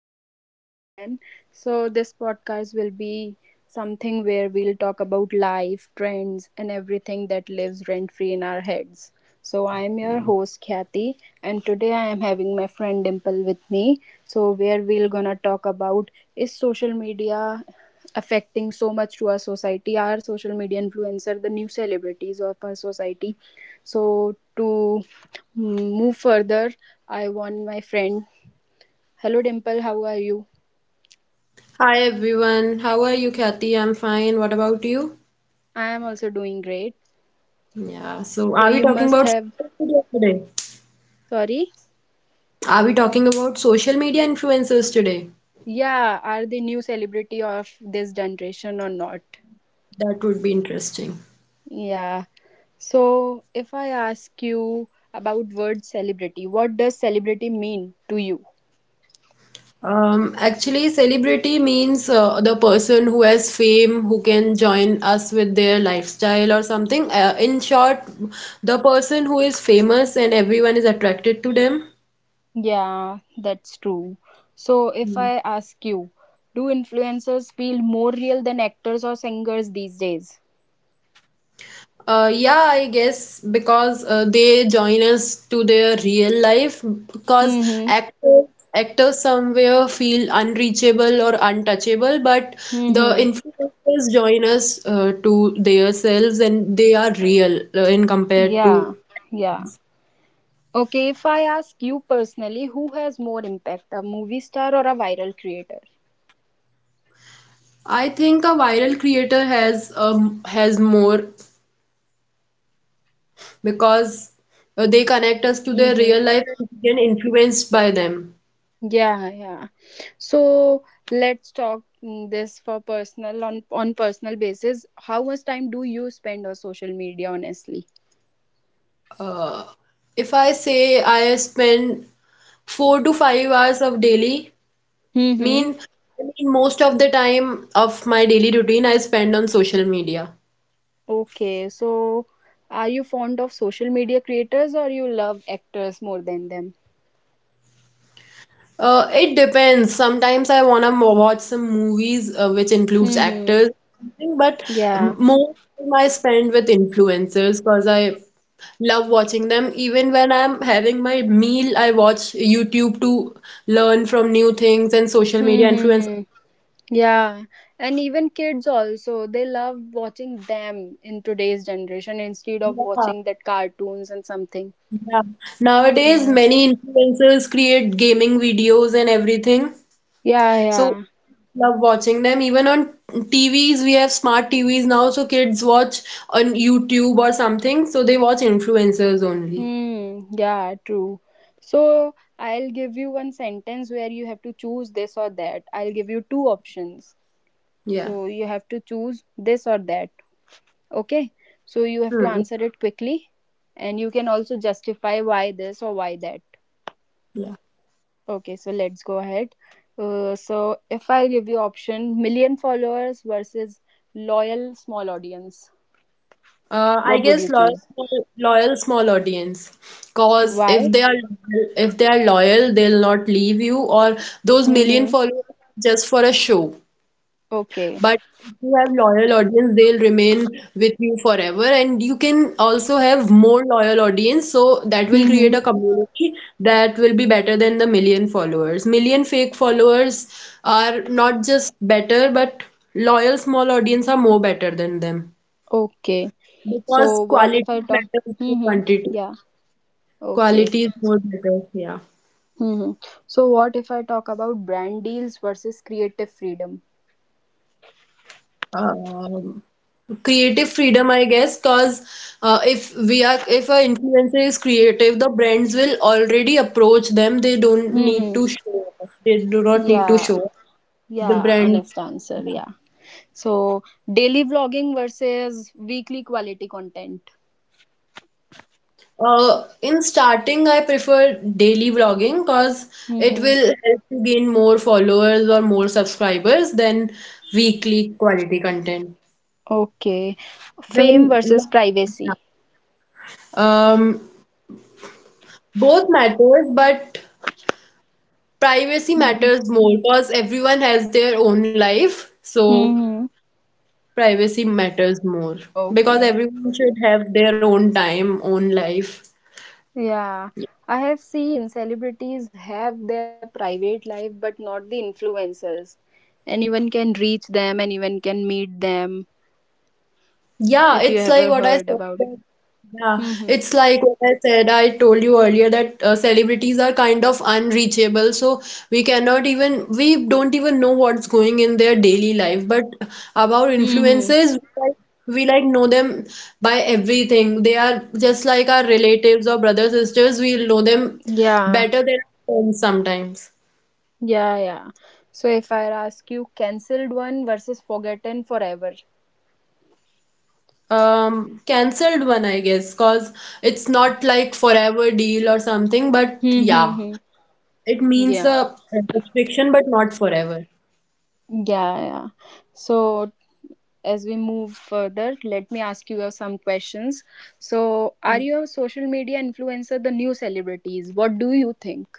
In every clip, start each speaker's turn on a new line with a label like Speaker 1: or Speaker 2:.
Speaker 1: Podcast again. So, this podcast will be something where we'll talk about life, trends, and everything that lives rent free in our heads. So, I am your host Khyati, and today I am having my friend Dimple with me. So, where we'll gonna talk about is social media affecting so much to our society? Are social media influencer the new celebrities of our society? So, to move further I warned my friend. Hello, Dimple, how are you?
Speaker 2: Hi everyone, how are you, Kathy? I'm fine. What about you?
Speaker 1: I am also doing great.
Speaker 2: Yeah, so
Speaker 1: So,
Speaker 2: are we
Speaker 1: you
Speaker 2: talking
Speaker 1: must
Speaker 2: about
Speaker 1: have.
Speaker 2: social media today?
Speaker 1: Sorry?
Speaker 2: Are we talking about social media influencers today?
Speaker 1: Yeah, are the new celebrity of this generation or not?
Speaker 2: That would be interesting.
Speaker 1: Yeah. So, if I ask you about word celebrity, what does celebrity mean to you?
Speaker 2: Actually, celebrity means the person who has fame, who can join us with their lifestyle or something. In short, the person who is famous and everyone is attracted to them.
Speaker 1: Yeah, that's true. So, if I ask you, do influencers feel more real than actors or singers these days?
Speaker 2: Yeah, I guess because they join us to their real life because
Speaker 1: Mm
Speaker 2: actors actors somewhere feel unreachable or untouchable, but
Speaker 1: hmm.
Speaker 2: the
Speaker 1: Mm
Speaker 2: influencers join us to their selves and they are real in
Speaker 1: hmm.
Speaker 2: compared to.
Speaker 1: Yeah. Yeah. Okay, if I ask you personally, who has more impact, a movie star or a viral creator?
Speaker 2: I think a viral creator has more because they connect us to their
Speaker 1: Mm-hmm.
Speaker 2: real life and we get influenced by them.
Speaker 1: Yeah, yeah. So let's talk this for personal on personal basis. How much time do you spend on social media, honestly?
Speaker 2: Uh, if I say I spend 4 to 5 hours of daily
Speaker 1: Mm-hmm.
Speaker 2: mean I mean most of the time of my daily routine I spend on social media.
Speaker 1: Okay, so are you fond of social media creators or you love actors more than them?
Speaker 2: It depends. Sometimes I watch some movies which includes
Speaker 1: Mm-hmm.
Speaker 2: actors, but
Speaker 1: Yeah.
Speaker 2: most time I spend with influencers because I love watching them. Even when I'm having my meal, I watch YouTube to learn from new things and social media influencers.
Speaker 1: Mm-hmm. Yeah, and even kids also, they love watching them in today's generation instead of
Speaker 2: Yeah.
Speaker 1: watching that cartoons and something.
Speaker 2: Yeah. Nowadays,
Speaker 1: Yeah.
Speaker 2: many influencers create gaming videos and everything.
Speaker 1: Yeah,
Speaker 2: So
Speaker 1: yeah.
Speaker 2: love watching them. Even on TVs, we have smart TVs now, so kids watch on YouTube or something. So they watch influencers only.
Speaker 1: Hmm, yeah, true. So I'll give you one sentence where you have to choose this or that. I'll give you two options.
Speaker 2: Yeah.
Speaker 1: So you have to choose this or that. Okay? So you have to
Speaker 2: Hmm.
Speaker 1: answer it quickly and you can also justify why this or why that.
Speaker 2: Yeah.
Speaker 1: Okay, so let's go ahead. So if I review option million followers versus loyal small audience,
Speaker 2: I
Speaker 1: what would
Speaker 2: guess
Speaker 1: you
Speaker 2: loyal,
Speaker 1: choose?
Speaker 2: loyal small audience. Cause
Speaker 1: Why?
Speaker 2: if they are loyal, they'll not leave you. Or those million
Speaker 1: Mm-hmm.
Speaker 2: followers just for a show.
Speaker 1: Okay.
Speaker 2: But if you have loyal audience, they'll remain with you forever. And you can also have more loyal audience. So that will
Speaker 1: Mm-hmm.
Speaker 2: create a community that will be better than the million followers. Million fake followers are not just better, but loyal small audience are more better than them.
Speaker 1: Okay. So
Speaker 2: Because
Speaker 1: what if I
Speaker 2: quality
Speaker 1: talk?
Speaker 2: matters to
Speaker 1: Mm-hmm.
Speaker 2: quantity.
Speaker 1: Yeah. Okay.
Speaker 2: Quality is more better, yeah.
Speaker 1: Mm-hmm. So what if I talk about brand deals versus creative freedom?
Speaker 2: Um, Creative freedom, I guess, because if we are if an influencer is creative, the brands will already approach them. They don't need
Speaker 1: Mm-hmm.
Speaker 2: to show off. They do not need to
Speaker 1: Yeah.
Speaker 2: show off. The
Speaker 1: Yeah.
Speaker 2: brand.
Speaker 1: Honest answer.
Speaker 2: Yeah.
Speaker 1: Yeah. So daily vlogging versus weekly quality content.
Speaker 2: In starting, I prefer daily vlogging because it
Speaker 1: Mhm.
Speaker 2: will help to gain more followers or more subscribers than weekly quality content.
Speaker 1: Okay. Fame
Speaker 2: Then,
Speaker 1: versus
Speaker 2: yeah.
Speaker 1: privacy.
Speaker 2: um, Both matters, but privacy matters more because everyone has their own life, so
Speaker 1: Mm-hmm.
Speaker 2: privacy matters more because
Speaker 1: Okay.
Speaker 2: everyone should have their own time, own life.
Speaker 1: Yeah. I have seen celebrities have their private life, but not the influencers. Anyone can reach them, anyone can meet them.
Speaker 2: Yeah, it's
Speaker 1: If you
Speaker 2: like what
Speaker 1: ever
Speaker 2: I said
Speaker 1: heard about.
Speaker 2: that, yeah,
Speaker 1: Mm-hmm.
Speaker 2: it's like what I said, I told you earlier that celebrities are kind of unreachable, so we cannot even, we don't even know what's going in their daily life. But about
Speaker 1: Mm-hmm.
Speaker 2: influencers, we like know them by everything. They are just like our relatives or brothers, sisters, we know them
Speaker 1: Yeah.
Speaker 2: better than our friends sometimes.
Speaker 1: Yeah. Yeah. So if I ask you, cancelled one versus forgotten forever.
Speaker 2: Cancelled one, I guess, cause it's not like forever deal or something, but yeah.
Speaker 1: Mm-hmm.
Speaker 2: It means
Speaker 1: Yeah.
Speaker 2: a restriction, but not forever.
Speaker 1: Yeah. Yeah. So as we move further, let me ask you some questions. So, are your social media influencer the new celebrities? What do you think?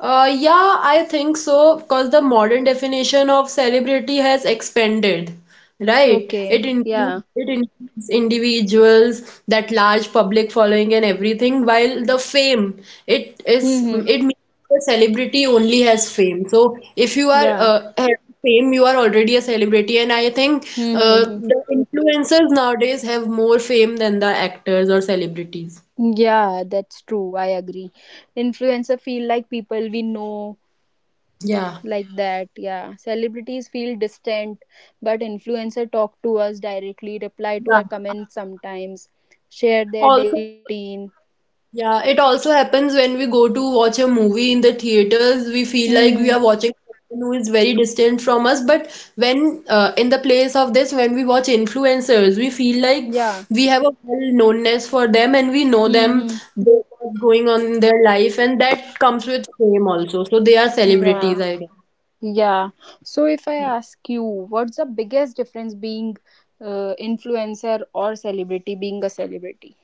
Speaker 2: Yeah, I think so, because the modern definition of celebrity has expanded, right?
Speaker 1: Okay, yeah.
Speaker 2: It includes individuals, that large public following and everything, while the fame,
Speaker 1: Mm-hmm.
Speaker 2: it means the celebrity only has fame. So if you are
Speaker 1: Yeah.
Speaker 2: have fame, you are already a celebrity, and I think
Speaker 1: Mm-hmm.
Speaker 2: the influencers nowadays have more fame than the actors or celebrities.
Speaker 1: Yeah, that's true. I agree. Influencer feel like people we know
Speaker 2: Yeah.
Speaker 1: like that. Yeah. Celebrities feel distant, but influencer talk to us directly, reply to
Speaker 2: Yeah.
Speaker 1: our comments sometimes, share their daily
Speaker 2: Also,
Speaker 1: routine.
Speaker 2: yeah, it also happens when we go to watch a movie in the theaters. We feel like we
Speaker 1: Mm-hmm.
Speaker 2: are watching someone who is very distant from us. But when, in the place of this, when we watch influencers, we feel like
Speaker 1: Yeah.
Speaker 2: we have a well-knownness for them and we know them,
Speaker 1: Mm-hmm.
Speaker 2: they know what's going on in their life, and that comes with fame also. So they are celebrities,
Speaker 1: Yeah.
Speaker 2: I guess.
Speaker 1: Yeah. So if I ask you, what's the biggest difference being influencer or celebrity being a celebrity?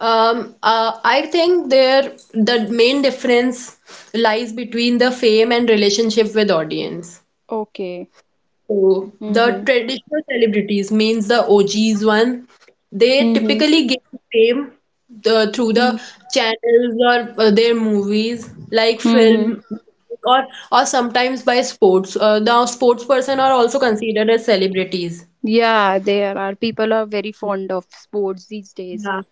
Speaker 2: I think the main difference lies between the fame and relationship with audience.
Speaker 1: Okay.
Speaker 2: So the
Speaker 1: Mhm.
Speaker 2: traditional celebrities means the OGs one. They
Speaker 1: Mhm.
Speaker 2: typically gain fame through the
Speaker 1: Mm.
Speaker 2: channels or their movies, like
Speaker 1: Mhm.
Speaker 2: film, or or sometimes by sports. Now, sports person are also considered as celebrities.
Speaker 1: Yeah, there are people are very fond of sports these days.
Speaker 2: Yeah.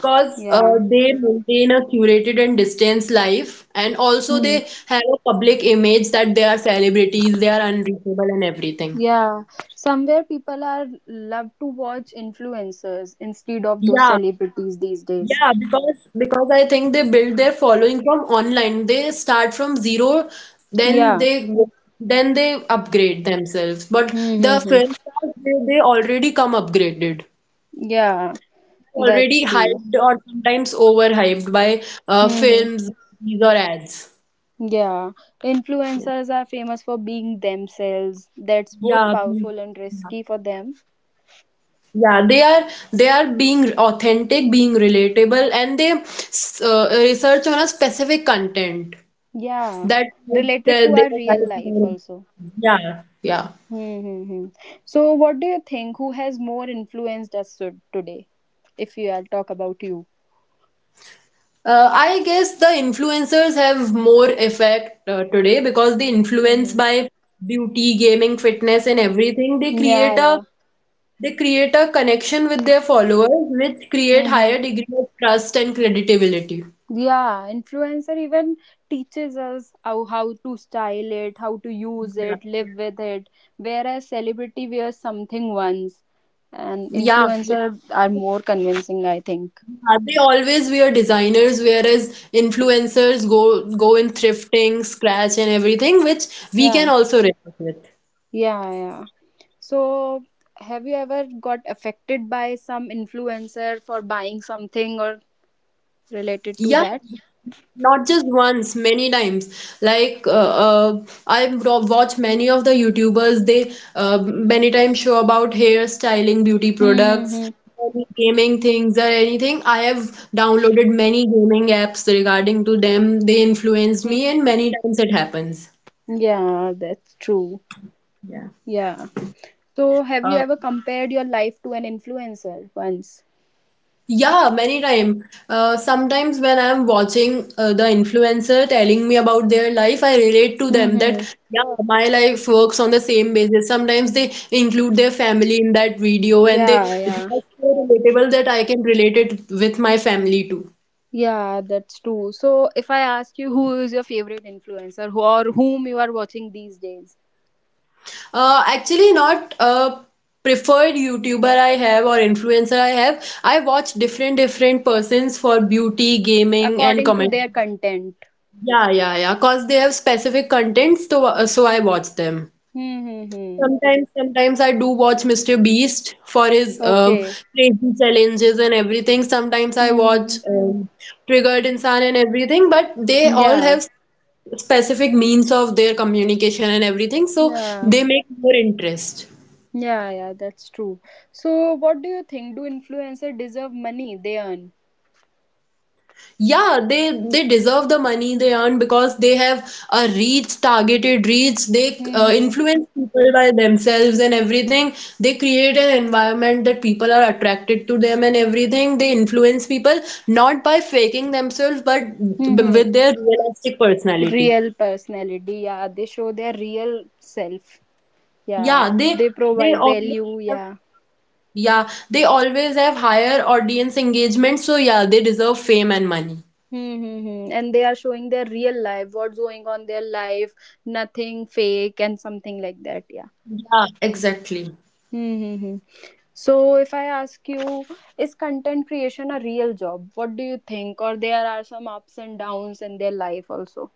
Speaker 2: Because
Speaker 1: Yeah.
Speaker 2: they maintain a curated and distanced life, and also
Speaker 1: Hmm.
Speaker 2: they have a public image that they are celebrities, they are unreachable, and everything.
Speaker 1: Yeah. Somewhere people are love to watch influencers instead of those
Speaker 2: Yeah,
Speaker 1: celebrities these days.
Speaker 2: yeah, because I think they build their following from online. They start from zero, then
Speaker 1: Yeah.
Speaker 2: they then they upgrade themselves. But the
Speaker 1: Mm-hmm.
Speaker 2: film stars they already come upgraded,
Speaker 1: Yeah,
Speaker 2: already
Speaker 1: that's true.
Speaker 2: hyped or sometimes overhyped by
Speaker 1: Hmm.
Speaker 2: films, movies or ads.
Speaker 1: Yeah,
Speaker 2: Yeah.
Speaker 1: influencers are famous for being themselves. That's both
Speaker 2: Yeah, mm,
Speaker 1: powerful and risky for them.
Speaker 2: yeah, they are being authentic, being relatable, and research on a specific content.
Speaker 1: Yeah,
Speaker 2: That makes
Speaker 1: related to our
Speaker 2: their
Speaker 1: real
Speaker 2: life
Speaker 1: life
Speaker 2: more.
Speaker 1: also.
Speaker 2: Yeah, yeah.
Speaker 1: Mm-hmm. So, what do you think? Who has more influenced us today? If you I'll talk about you.
Speaker 2: I guess the influencers have more effect today because they influence
Speaker 1: Mm-hmm.
Speaker 2: by beauty, gaming, fitness, and everything.
Speaker 1: Yeah, yeah.
Speaker 2: They create a connection with their followers, which create
Speaker 1: Mm-hmm.
Speaker 2: higher degree of trust and credibility.
Speaker 1: Yeah, influencer even teaches us how to style it, how to use
Speaker 2: Yeah.
Speaker 1: it, live with it. Whereas celebrity wears something once, and
Speaker 2: Yeah,
Speaker 1: influencer are more convincing, I think.
Speaker 2: they always wear designers, whereas influencers go in thrifting, scratch, and everything, which we can
Speaker 1: Yeah,
Speaker 2: also relate with.
Speaker 1: yeah, yeah. So, have you ever got affected by some influencer for buying something or related to
Speaker 2: Yeah,
Speaker 1: that?
Speaker 2: not just once, many times. Like I watch many of the YouTubers. They many times show about hairstyling, beauty products,
Speaker 1: Mm-hmm.
Speaker 2: any gaming things or anything. I have downloaded many gaming apps regarding to them. They influenced me, and many times it happens.
Speaker 1: Yeah, that's true.
Speaker 2: Yeah.
Speaker 1: Yeah. So, have you ever compared your life to an influencer once?
Speaker 2: Yeah, many time. Sometimes when I'm watching the influencer telling me about their life, I relate to
Speaker 1: Hmm
Speaker 2: them that
Speaker 1: hmm.
Speaker 2: yeah, my life works on the same basis. Sometimes they include their family in that video, and
Speaker 1: Yeah,
Speaker 2: they
Speaker 1: yeah,
Speaker 2: are so relatable that I can relate it with my family too.
Speaker 1: yeah, that's true. So, if I ask you who is your favorite influencer who, or whom you are watching these days,
Speaker 2: Actually, not a preferred YouTuber I have or influencer I have. I watch different different persons for beauty, gaming, and
Speaker 1: according to
Speaker 2: comedy.
Speaker 1: their content.
Speaker 2: Yeah, yeah, yeah. Cause they have specific contents, so so I watch them.
Speaker 1: Mm-hmm.
Speaker 2: Sometimes, sometimes I do watch Mr. Beast for his
Speaker 1: Okay.
Speaker 2: crazy challenges and everything. Sometimes I
Speaker 1: Mm-hmm.
Speaker 2: watch Triggered Insan and everything. But they all
Speaker 1: Yeah,
Speaker 2: have specific means of their communication and everything, so
Speaker 1: yeah,
Speaker 2: they make more interest.
Speaker 1: yeah, yeah, that's true. So, what do you think? Do influencer deserve money they earn?
Speaker 2: Yeah, they deserve the money they earn because they have a reach targeted reach, they
Speaker 1: Mm-hmm.
Speaker 2: influence people by themselves and everything. They create an environment that people are attracted to them, and everything they influence people not by faking themselves but
Speaker 1: Mm-hmm.
Speaker 2: with their realistic personality.
Speaker 1: Real personality. Yeah, they show their real self. Yeah,
Speaker 2: Yeah,
Speaker 1: they
Speaker 2: they
Speaker 1: provide
Speaker 2: always
Speaker 1: value.
Speaker 2: have,
Speaker 1: Yeah.
Speaker 2: yeah they always have higher audience engagement, so yeah they deserve fame and money.
Speaker 1: Hmm, hmm, hmm. And they are showing their real life, what's going on their life, nothing fake and something like that. Yeah.
Speaker 2: Yeah, exactly.
Speaker 1: Hmm, hmm, hmm. So if I ask you, is content creation a real job? What do you think? Or there are some ups and downs in their life also.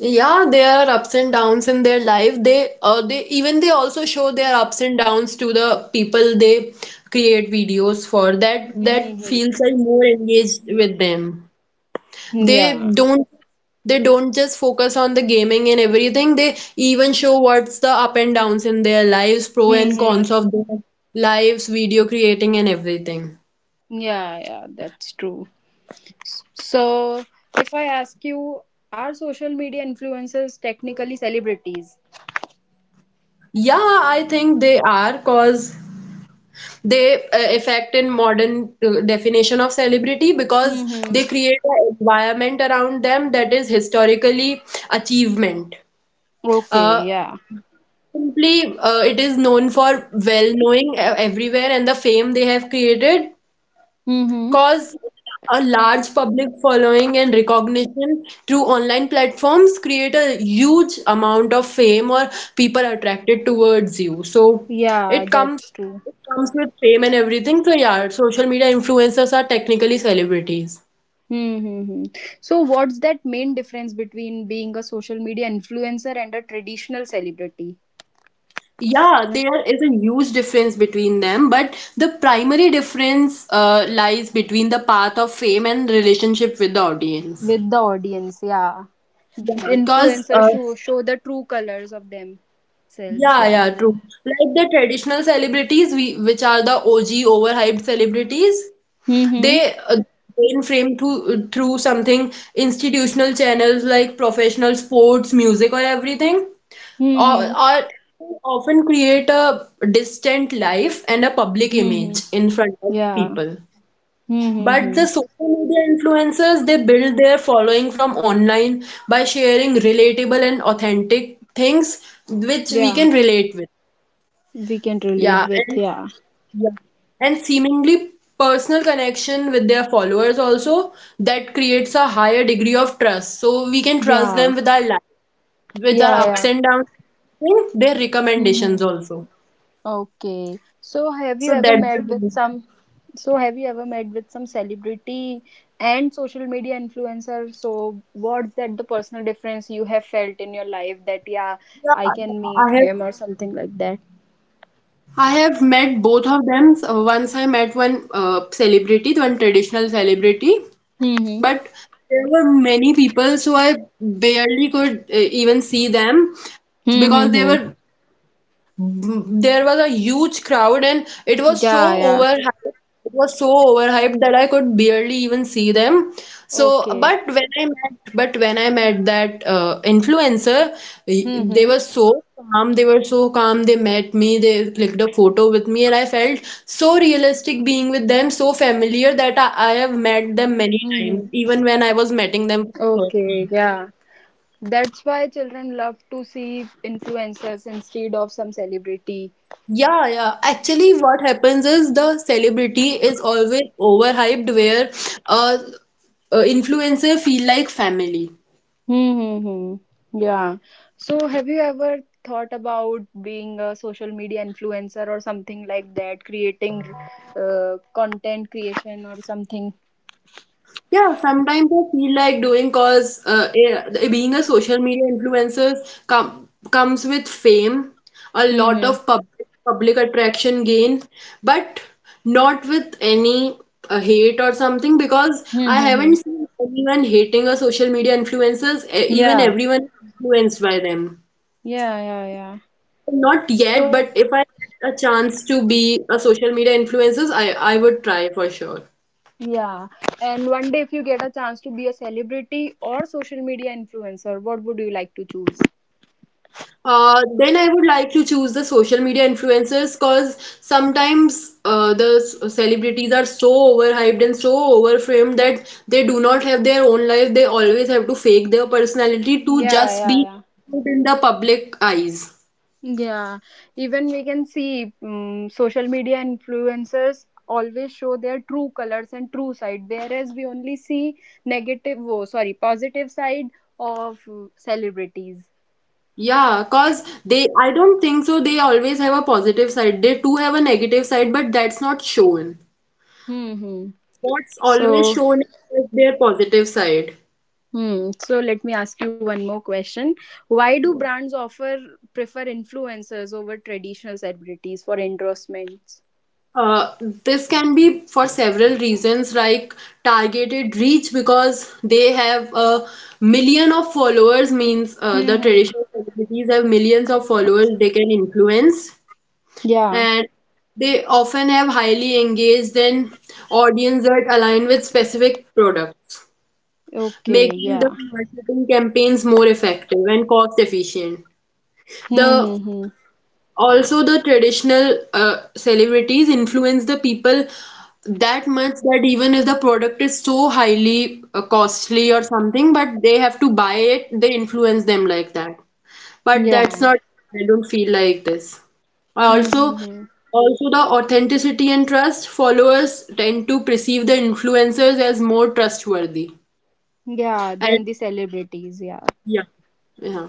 Speaker 2: Yeah, their ups and downs in their life. They even they also show their ups and downs to the people they create videos for. That
Speaker 1: Hmm,
Speaker 2: that
Speaker 1: hmm, hmm.
Speaker 2: feels like more engaged with them. They
Speaker 1: Yeah.
Speaker 2: don't they don't just focus on the gaming and everything. They even show what's the up and downs in their lives, pro
Speaker 1: Hmm,
Speaker 2: and
Speaker 1: hmm.
Speaker 2: cons of their lives, video creating and everything.
Speaker 1: Yeah, yeah, that's true. So if I ask you, are social media influencers technically celebrities?
Speaker 2: Yeah, I think they are cause they affect in modern definition of celebrity because
Speaker 1: Mm-hmm.
Speaker 2: they create an environment around them that is historically achievement
Speaker 1: Okay,
Speaker 2: uh,
Speaker 1: yeah.
Speaker 2: simply it is known for well knowing everywhere and the fame they have created.
Speaker 1: Mm-hmm.
Speaker 2: Cause a large public following and recognition through online platforms create a huge amount of fame or people are attracted towards you. So
Speaker 1: Yeah,
Speaker 2: it comes
Speaker 1: that's true.
Speaker 2: it comes with fame and everything. So yeah, social media influencers are technically celebrities.
Speaker 1: Mm-hmm. So, what's that main difference between being a social media influencer and a traditional celebrity
Speaker 2: Yeah, there is a huge difference between them, but the primary difference lies between the path of fame and relationship with the audience.
Speaker 1: with the audience? Yeah,
Speaker 2: Yeah, because
Speaker 1: influencers show the true colors of themselves.
Speaker 2: yeah,
Speaker 1: Yeah.
Speaker 2: yeah, true. Like the traditional celebrities, we which are the OG overhyped celebrities,
Speaker 1: Mm-hmm.
Speaker 2: they mainframe through through something institutional channels like professional sports, music, or everything,
Speaker 1: Mm-hmm.
Speaker 2: or often create a distant life and a public
Speaker 1: Mm-hmm.
Speaker 2: image in front of
Speaker 1: Yeah.
Speaker 2: people. But
Speaker 1: Mm-hmm.
Speaker 2: the social media influencers, they build their following from online by sharing relatable and authentic things which we
Speaker 1: Yeah.
Speaker 2: can relate with.
Speaker 1: We can relate
Speaker 2: Yeah,
Speaker 1: with.
Speaker 2: and
Speaker 1: Yeah.
Speaker 2: yeah. And seemingly personal connection with their followers also that creates a higher degree of trust. So we can trust
Speaker 1: Yeah.
Speaker 2: them with our life, with our
Speaker 1: Yeah.
Speaker 2: ups
Speaker 1: Yeah.
Speaker 2: and downs, and their
Speaker 1: Hmm, hmm.
Speaker 2: recommendations also.
Speaker 1: Okay. So have
Speaker 2: So
Speaker 1: you ever
Speaker 2: that's
Speaker 1: met with
Speaker 2: the
Speaker 1: some so have you ever met with some celebrity and social media influencer? So what's that the personal difference you have felt in your life that yeah, I
Speaker 2: yeah, yeah,
Speaker 1: can meet him or something like that?
Speaker 2: I have met both of them. So once I met one celebrity, one traditional celebrity,
Speaker 1: Mm-hmm.
Speaker 2: but there were many people, so I barely could even see them because they
Speaker 1: Mm-hmm.
Speaker 2: were there was a huge crowd and it was so
Speaker 1: Yeah, yeah.
Speaker 2: overhyped. It was so overhyped that I could barely even see them. So,
Speaker 1: Okay.
Speaker 2: but when I met, but when I met that influencer, they
Speaker 1: Mm-hmm.
Speaker 2: were so calm. They were so calm. They met me. They clicked a photo with me, and I felt so realistic being with them, so familiar that I have met them
Speaker 1: Mm-hmm.
Speaker 2: many times, even when I was meeting them.
Speaker 1: Okay, yeah. That's why children love to see influencers instead of some celebrity.
Speaker 2: Yeah, yeah. Actually, what happens is the celebrity is always overhyped where uh, influencer feel like family.
Speaker 1: Mm-hmm. Yeah. So, have you ever thought about being a social media influencer or something like that, creating content creation or something?
Speaker 2: Yeah, sometimes I feel like doing cause being a social media influencer comes with fame, a lot
Speaker 1: Mm-hmm.
Speaker 2: of public attraction gain, but not with any hate or something because I
Speaker 1: Mm-hmm.
Speaker 2: haven't seen anyone hating a social media influencers. Even
Speaker 1: Yeah.
Speaker 2: everyone is influenced by them.
Speaker 1: Yeah, yeah, yeah.
Speaker 2: Not yet,
Speaker 1: So,
Speaker 2: but if I get a chance to be a social media influencers, I would try for sure.
Speaker 1: yeah. And one day, if you get a chance to be a celebrity or social media influencer, what would you like to choose?
Speaker 2: Then I would like to choose the social media influencers because sometimes the celebrities are so overhyped and so overframed that they do not have their own life. They always have to fake their personality to
Speaker 1: Yeah,
Speaker 2: just
Speaker 1: yeah,
Speaker 2: be
Speaker 1: yeah.
Speaker 2: good in the public eyes.
Speaker 1: Yeah, even we can see social media influencers always show their true colors and true side, whereas we only see negative, oh, sorry, positive side of celebrities.
Speaker 2: Yeah, cause I don't think so. They always have a positive side. They too have a negative side, but that's not shown.
Speaker 1: Hmm.
Speaker 2: What's always
Speaker 1: So,
Speaker 2: shown is their positive side.
Speaker 1: hmm. So let me ask you one more question. Why do brands offer prefer influencers over traditional celebrities for endorsements?
Speaker 2: Uh, this can be for several reasons, like targeted reach because they have a million of followers, means
Speaker 1: Hmm.
Speaker 2: the
Speaker 1: Hmm.
Speaker 2: traditional celebrities have millions of followers they can influence,
Speaker 1: Yeah.
Speaker 2: and they often have highly engaged and audience that align with specific products,
Speaker 1: Okay.
Speaker 2: making the
Speaker 1: Yeah.
Speaker 2: marketing campaigns more effective and cost efficient. The
Speaker 1: Hmm. Hmm, hmm.
Speaker 2: Also, the traditional celebrities influence the people that much that even if the product is so highly costly or something, but they have to buy it, they influence them like that. But
Speaker 1: Yeah.
Speaker 2: that's not, I don't feel like this. I
Speaker 1: Hmm.
Speaker 2: also,
Speaker 1: Hmm, hmm.
Speaker 2: Also the authenticity and trust followers tend to perceive the influencers as more trustworthy.
Speaker 1: Yeah, then
Speaker 2: And
Speaker 1: the celebrities, yeah.
Speaker 2: yeah, yeah.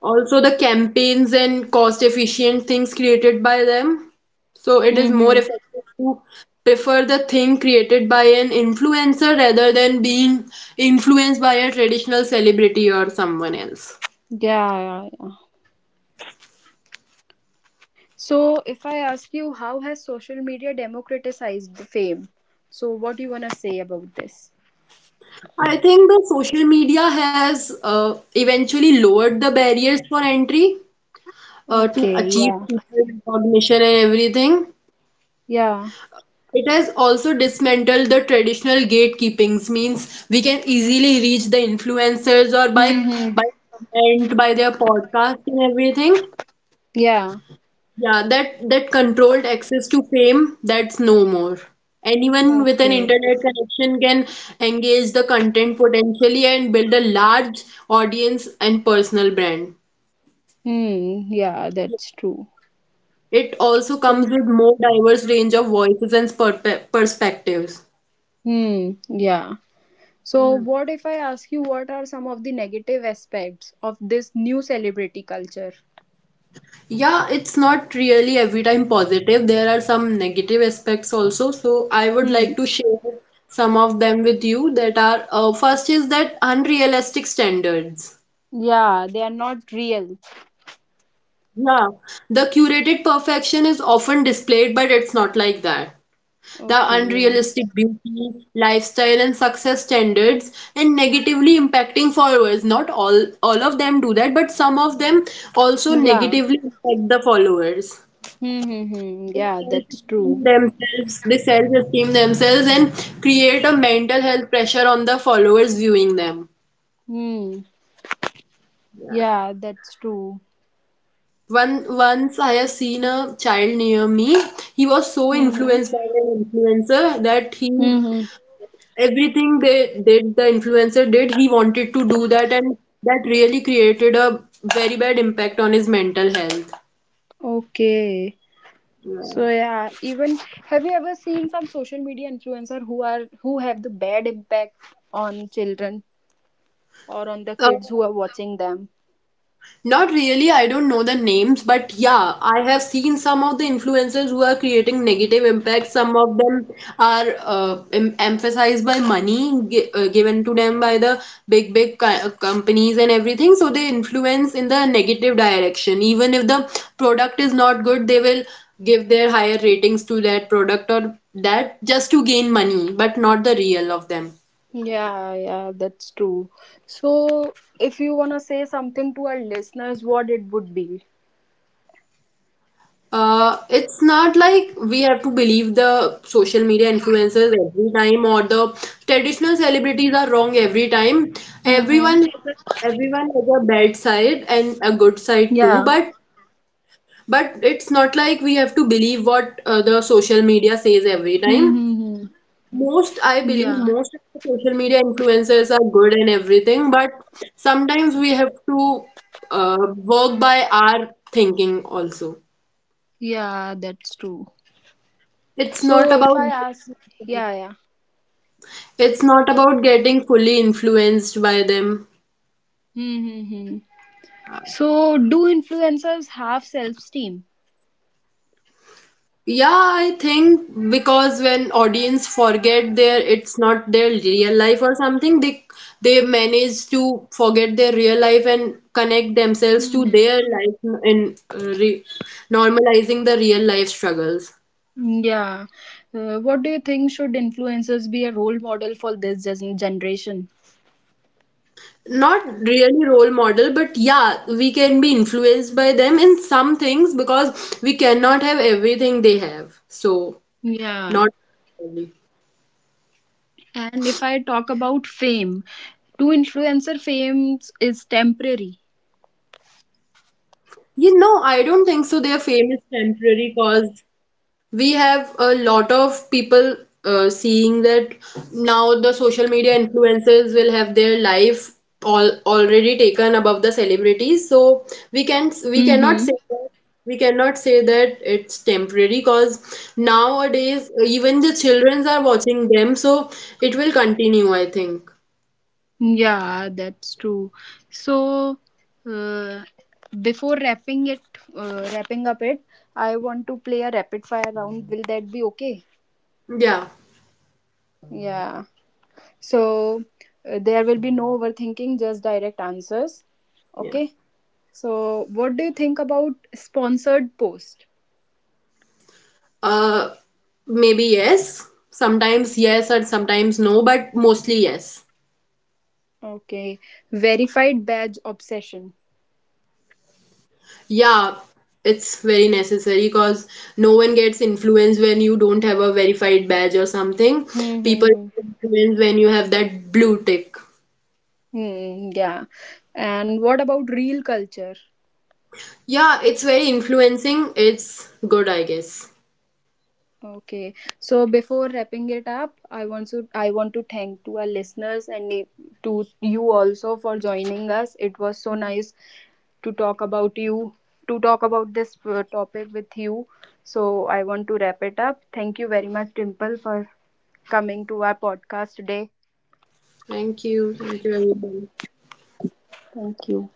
Speaker 2: Also, the campaigns and cost-efficient things created by them. So it is more
Speaker 1: Mm-hmm.
Speaker 2: effective to prefer the thing created by an influencer rather than being influenced by a traditional celebrity or someone else.
Speaker 1: Yeah, yeah, yeah. So if I ask you how has social media democratized the fame? So what do you wanna say about this?
Speaker 2: I think the social media has eventually lowered the barriers for entry to
Speaker 1: Okay,
Speaker 2: achieve
Speaker 1: yeah.
Speaker 2: people recognition and everything.
Speaker 1: Yeah.
Speaker 2: It has also dismantled the traditional gatekeepings, means we can easily reach the influencers or by
Speaker 1: Mm-hmm.
Speaker 2: by comment, by their podcast and everything.
Speaker 1: Yeah.
Speaker 2: Yeah, that controlled access to fame, that's no more. Anyone with an
Speaker 1: Okay.
Speaker 2: internet connection can engage the content potentially and build a large audience and personal brand.
Speaker 1: Hmm, yeah, that's true.
Speaker 2: It also
Speaker 1: So
Speaker 2: comes with more diverse range of voices and perspectives.
Speaker 1: yeah. So what if I ask you what are some of the negative aspects of this new celebrity culture?
Speaker 2: Yeah, it's not really every time positive. There are some negative aspects also. So I would
Speaker 1: Hmm.
Speaker 2: like to share some of them with you that are first is that unrealistic standards.
Speaker 1: Yeah, they are not real.
Speaker 2: Yeah, the curated perfection is often displayed, but it's not like that. The
Speaker 1: Okay,
Speaker 2: unrealistic
Speaker 1: yeah.
Speaker 2: beauty, lifestyle, and success standards, and negatively impacting followers. Not all of them do that, but some of them also
Speaker 1: Yeah.
Speaker 2: negatively impact the followers.
Speaker 1: Hmm. Hmm hmm. Yeah,
Speaker 2: They
Speaker 1: that's true.
Speaker 2: self-esteem themselves, they self-esteem themselves and create a mental health pressure on the followers viewing them.
Speaker 1: Hmm.
Speaker 2: Yeah.
Speaker 1: Yeah, that's true.
Speaker 2: One Once I have seen a child near me. He was so
Speaker 1: Hmm hmm.
Speaker 2: influenced by an influencer that he
Speaker 1: Hmm, hmm.
Speaker 2: everything they did the influencer did he wanted to do that, and that really created a very bad impact on his mental health.
Speaker 1: Okay.
Speaker 2: Yeah.
Speaker 1: So yeah, even have you ever seen some social media influencer who have the bad impact on children or on the
Speaker 2: Uh,
Speaker 1: kids who are watching them?
Speaker 2: Not really, I don't know the names, but yeah, I have seen some of the influencers who are creating negative impact. Some of them are emphasized by money given to them by the big, big companies and everything. So they influence in the negative direction. Even if the product is not good, they will give their higher ratings to that product or that just to gain money, but not the real of them.
Speaker 1: Yeah, yeah, that's true. So if you wanna say something to our listeners, what it would be?
Speaker 2: It's not like we have to believe the social media influencers every time or the traditional celebrities are wrong every time.
Speaker 1: Mm-hmm.
Speaker 2: Everyone has a bad side and a good side too,
Speaker 1: Yeah.
Speaker 2: but it's not like we have to believe what the social media says every time.
Speaker 1: Mm-hmm.
Speaker 2: Most, I believe
Speaker 1: Yeah.
Speaker 2: most of the social media influencers are good and everything, but sometimes we have to work by our thinking also.
Speaker 1: Yeah, that's true.
Speaker 2: It's not
Speaker 1: So if I
Speaker 2: about
Speaker 1: ask, yeah, yeah.
Speaker 2: it's not about getting fully influenced by them.
Speaker 1: Mm-hmm. So do influencers have self-esteem?
Speaker 2: Yeah, I think because when audience forget their it's not their real life or something, they manage to forget their real life and connect themselves to their
Speaker 1: Mm-hmm.
Speaker 2: life in re normalizing the real life struggles.
Speaker 1: Yeah. What do you think should influencers be a role model for this generation?
Speaker 2: Not really role model, but yeah, we can be influenced by them in some things because we cannot have everything they have. So.
Speaker 1: Yeah.
Speaker 2: Not really.
Speaker 1: And if I talk about fame, do influencer fame is temporary?
Speaker 2: You know, I don't think so. Their fame is temporary because we have a lot of people seeing that now the social media influencers will have their life all already taken above the celebrities. So we cannot say
Speaker 1: Mm-hmm.
Speaker 2: that it's temporary because nowadays even the childrens are watching them. So it will continue, I think.
Speaker 1: Yeah, that's true. So, uh, before wrapping up it, I want to play a rapid fire round. Will that be okay?
Speaker 2: Yeah.
Speaker 1: Yeah. So, there will be no overthinking, just direct answers.
Speaker 2: Yeah.
Speaker 1: Okay. So, what do you think about sponsored post?
Speaker 2: Uh, Maybe yes. Sometimes yes, and sometimes no, but mostly yes.
Speaker 1: Okay. Verified badge obsession.
Speaker 2: Yeah, it's very necessary because no one gets influenced when you don't have a verified badge or something. People
Speaker 1: Mm-hmm.
Speaker 2: get influenced when you have that blue tick.
Speaker 1: Mm, yeah. And what about real culture?
Speaker 2: Yeah, it's very influencing. It's good, I guess.
Speaker 1: Okay. So before wrapping it up, I want to thank to our listeners and to you also for joining us. It was so nice to talk about you to talk about this topic with you. So I want to wrap it up. Thank you very much Dimple for coming to our podcast today.
Speaker 2: Thank you. Thank you, everyone.
Speaker 1: Thank you.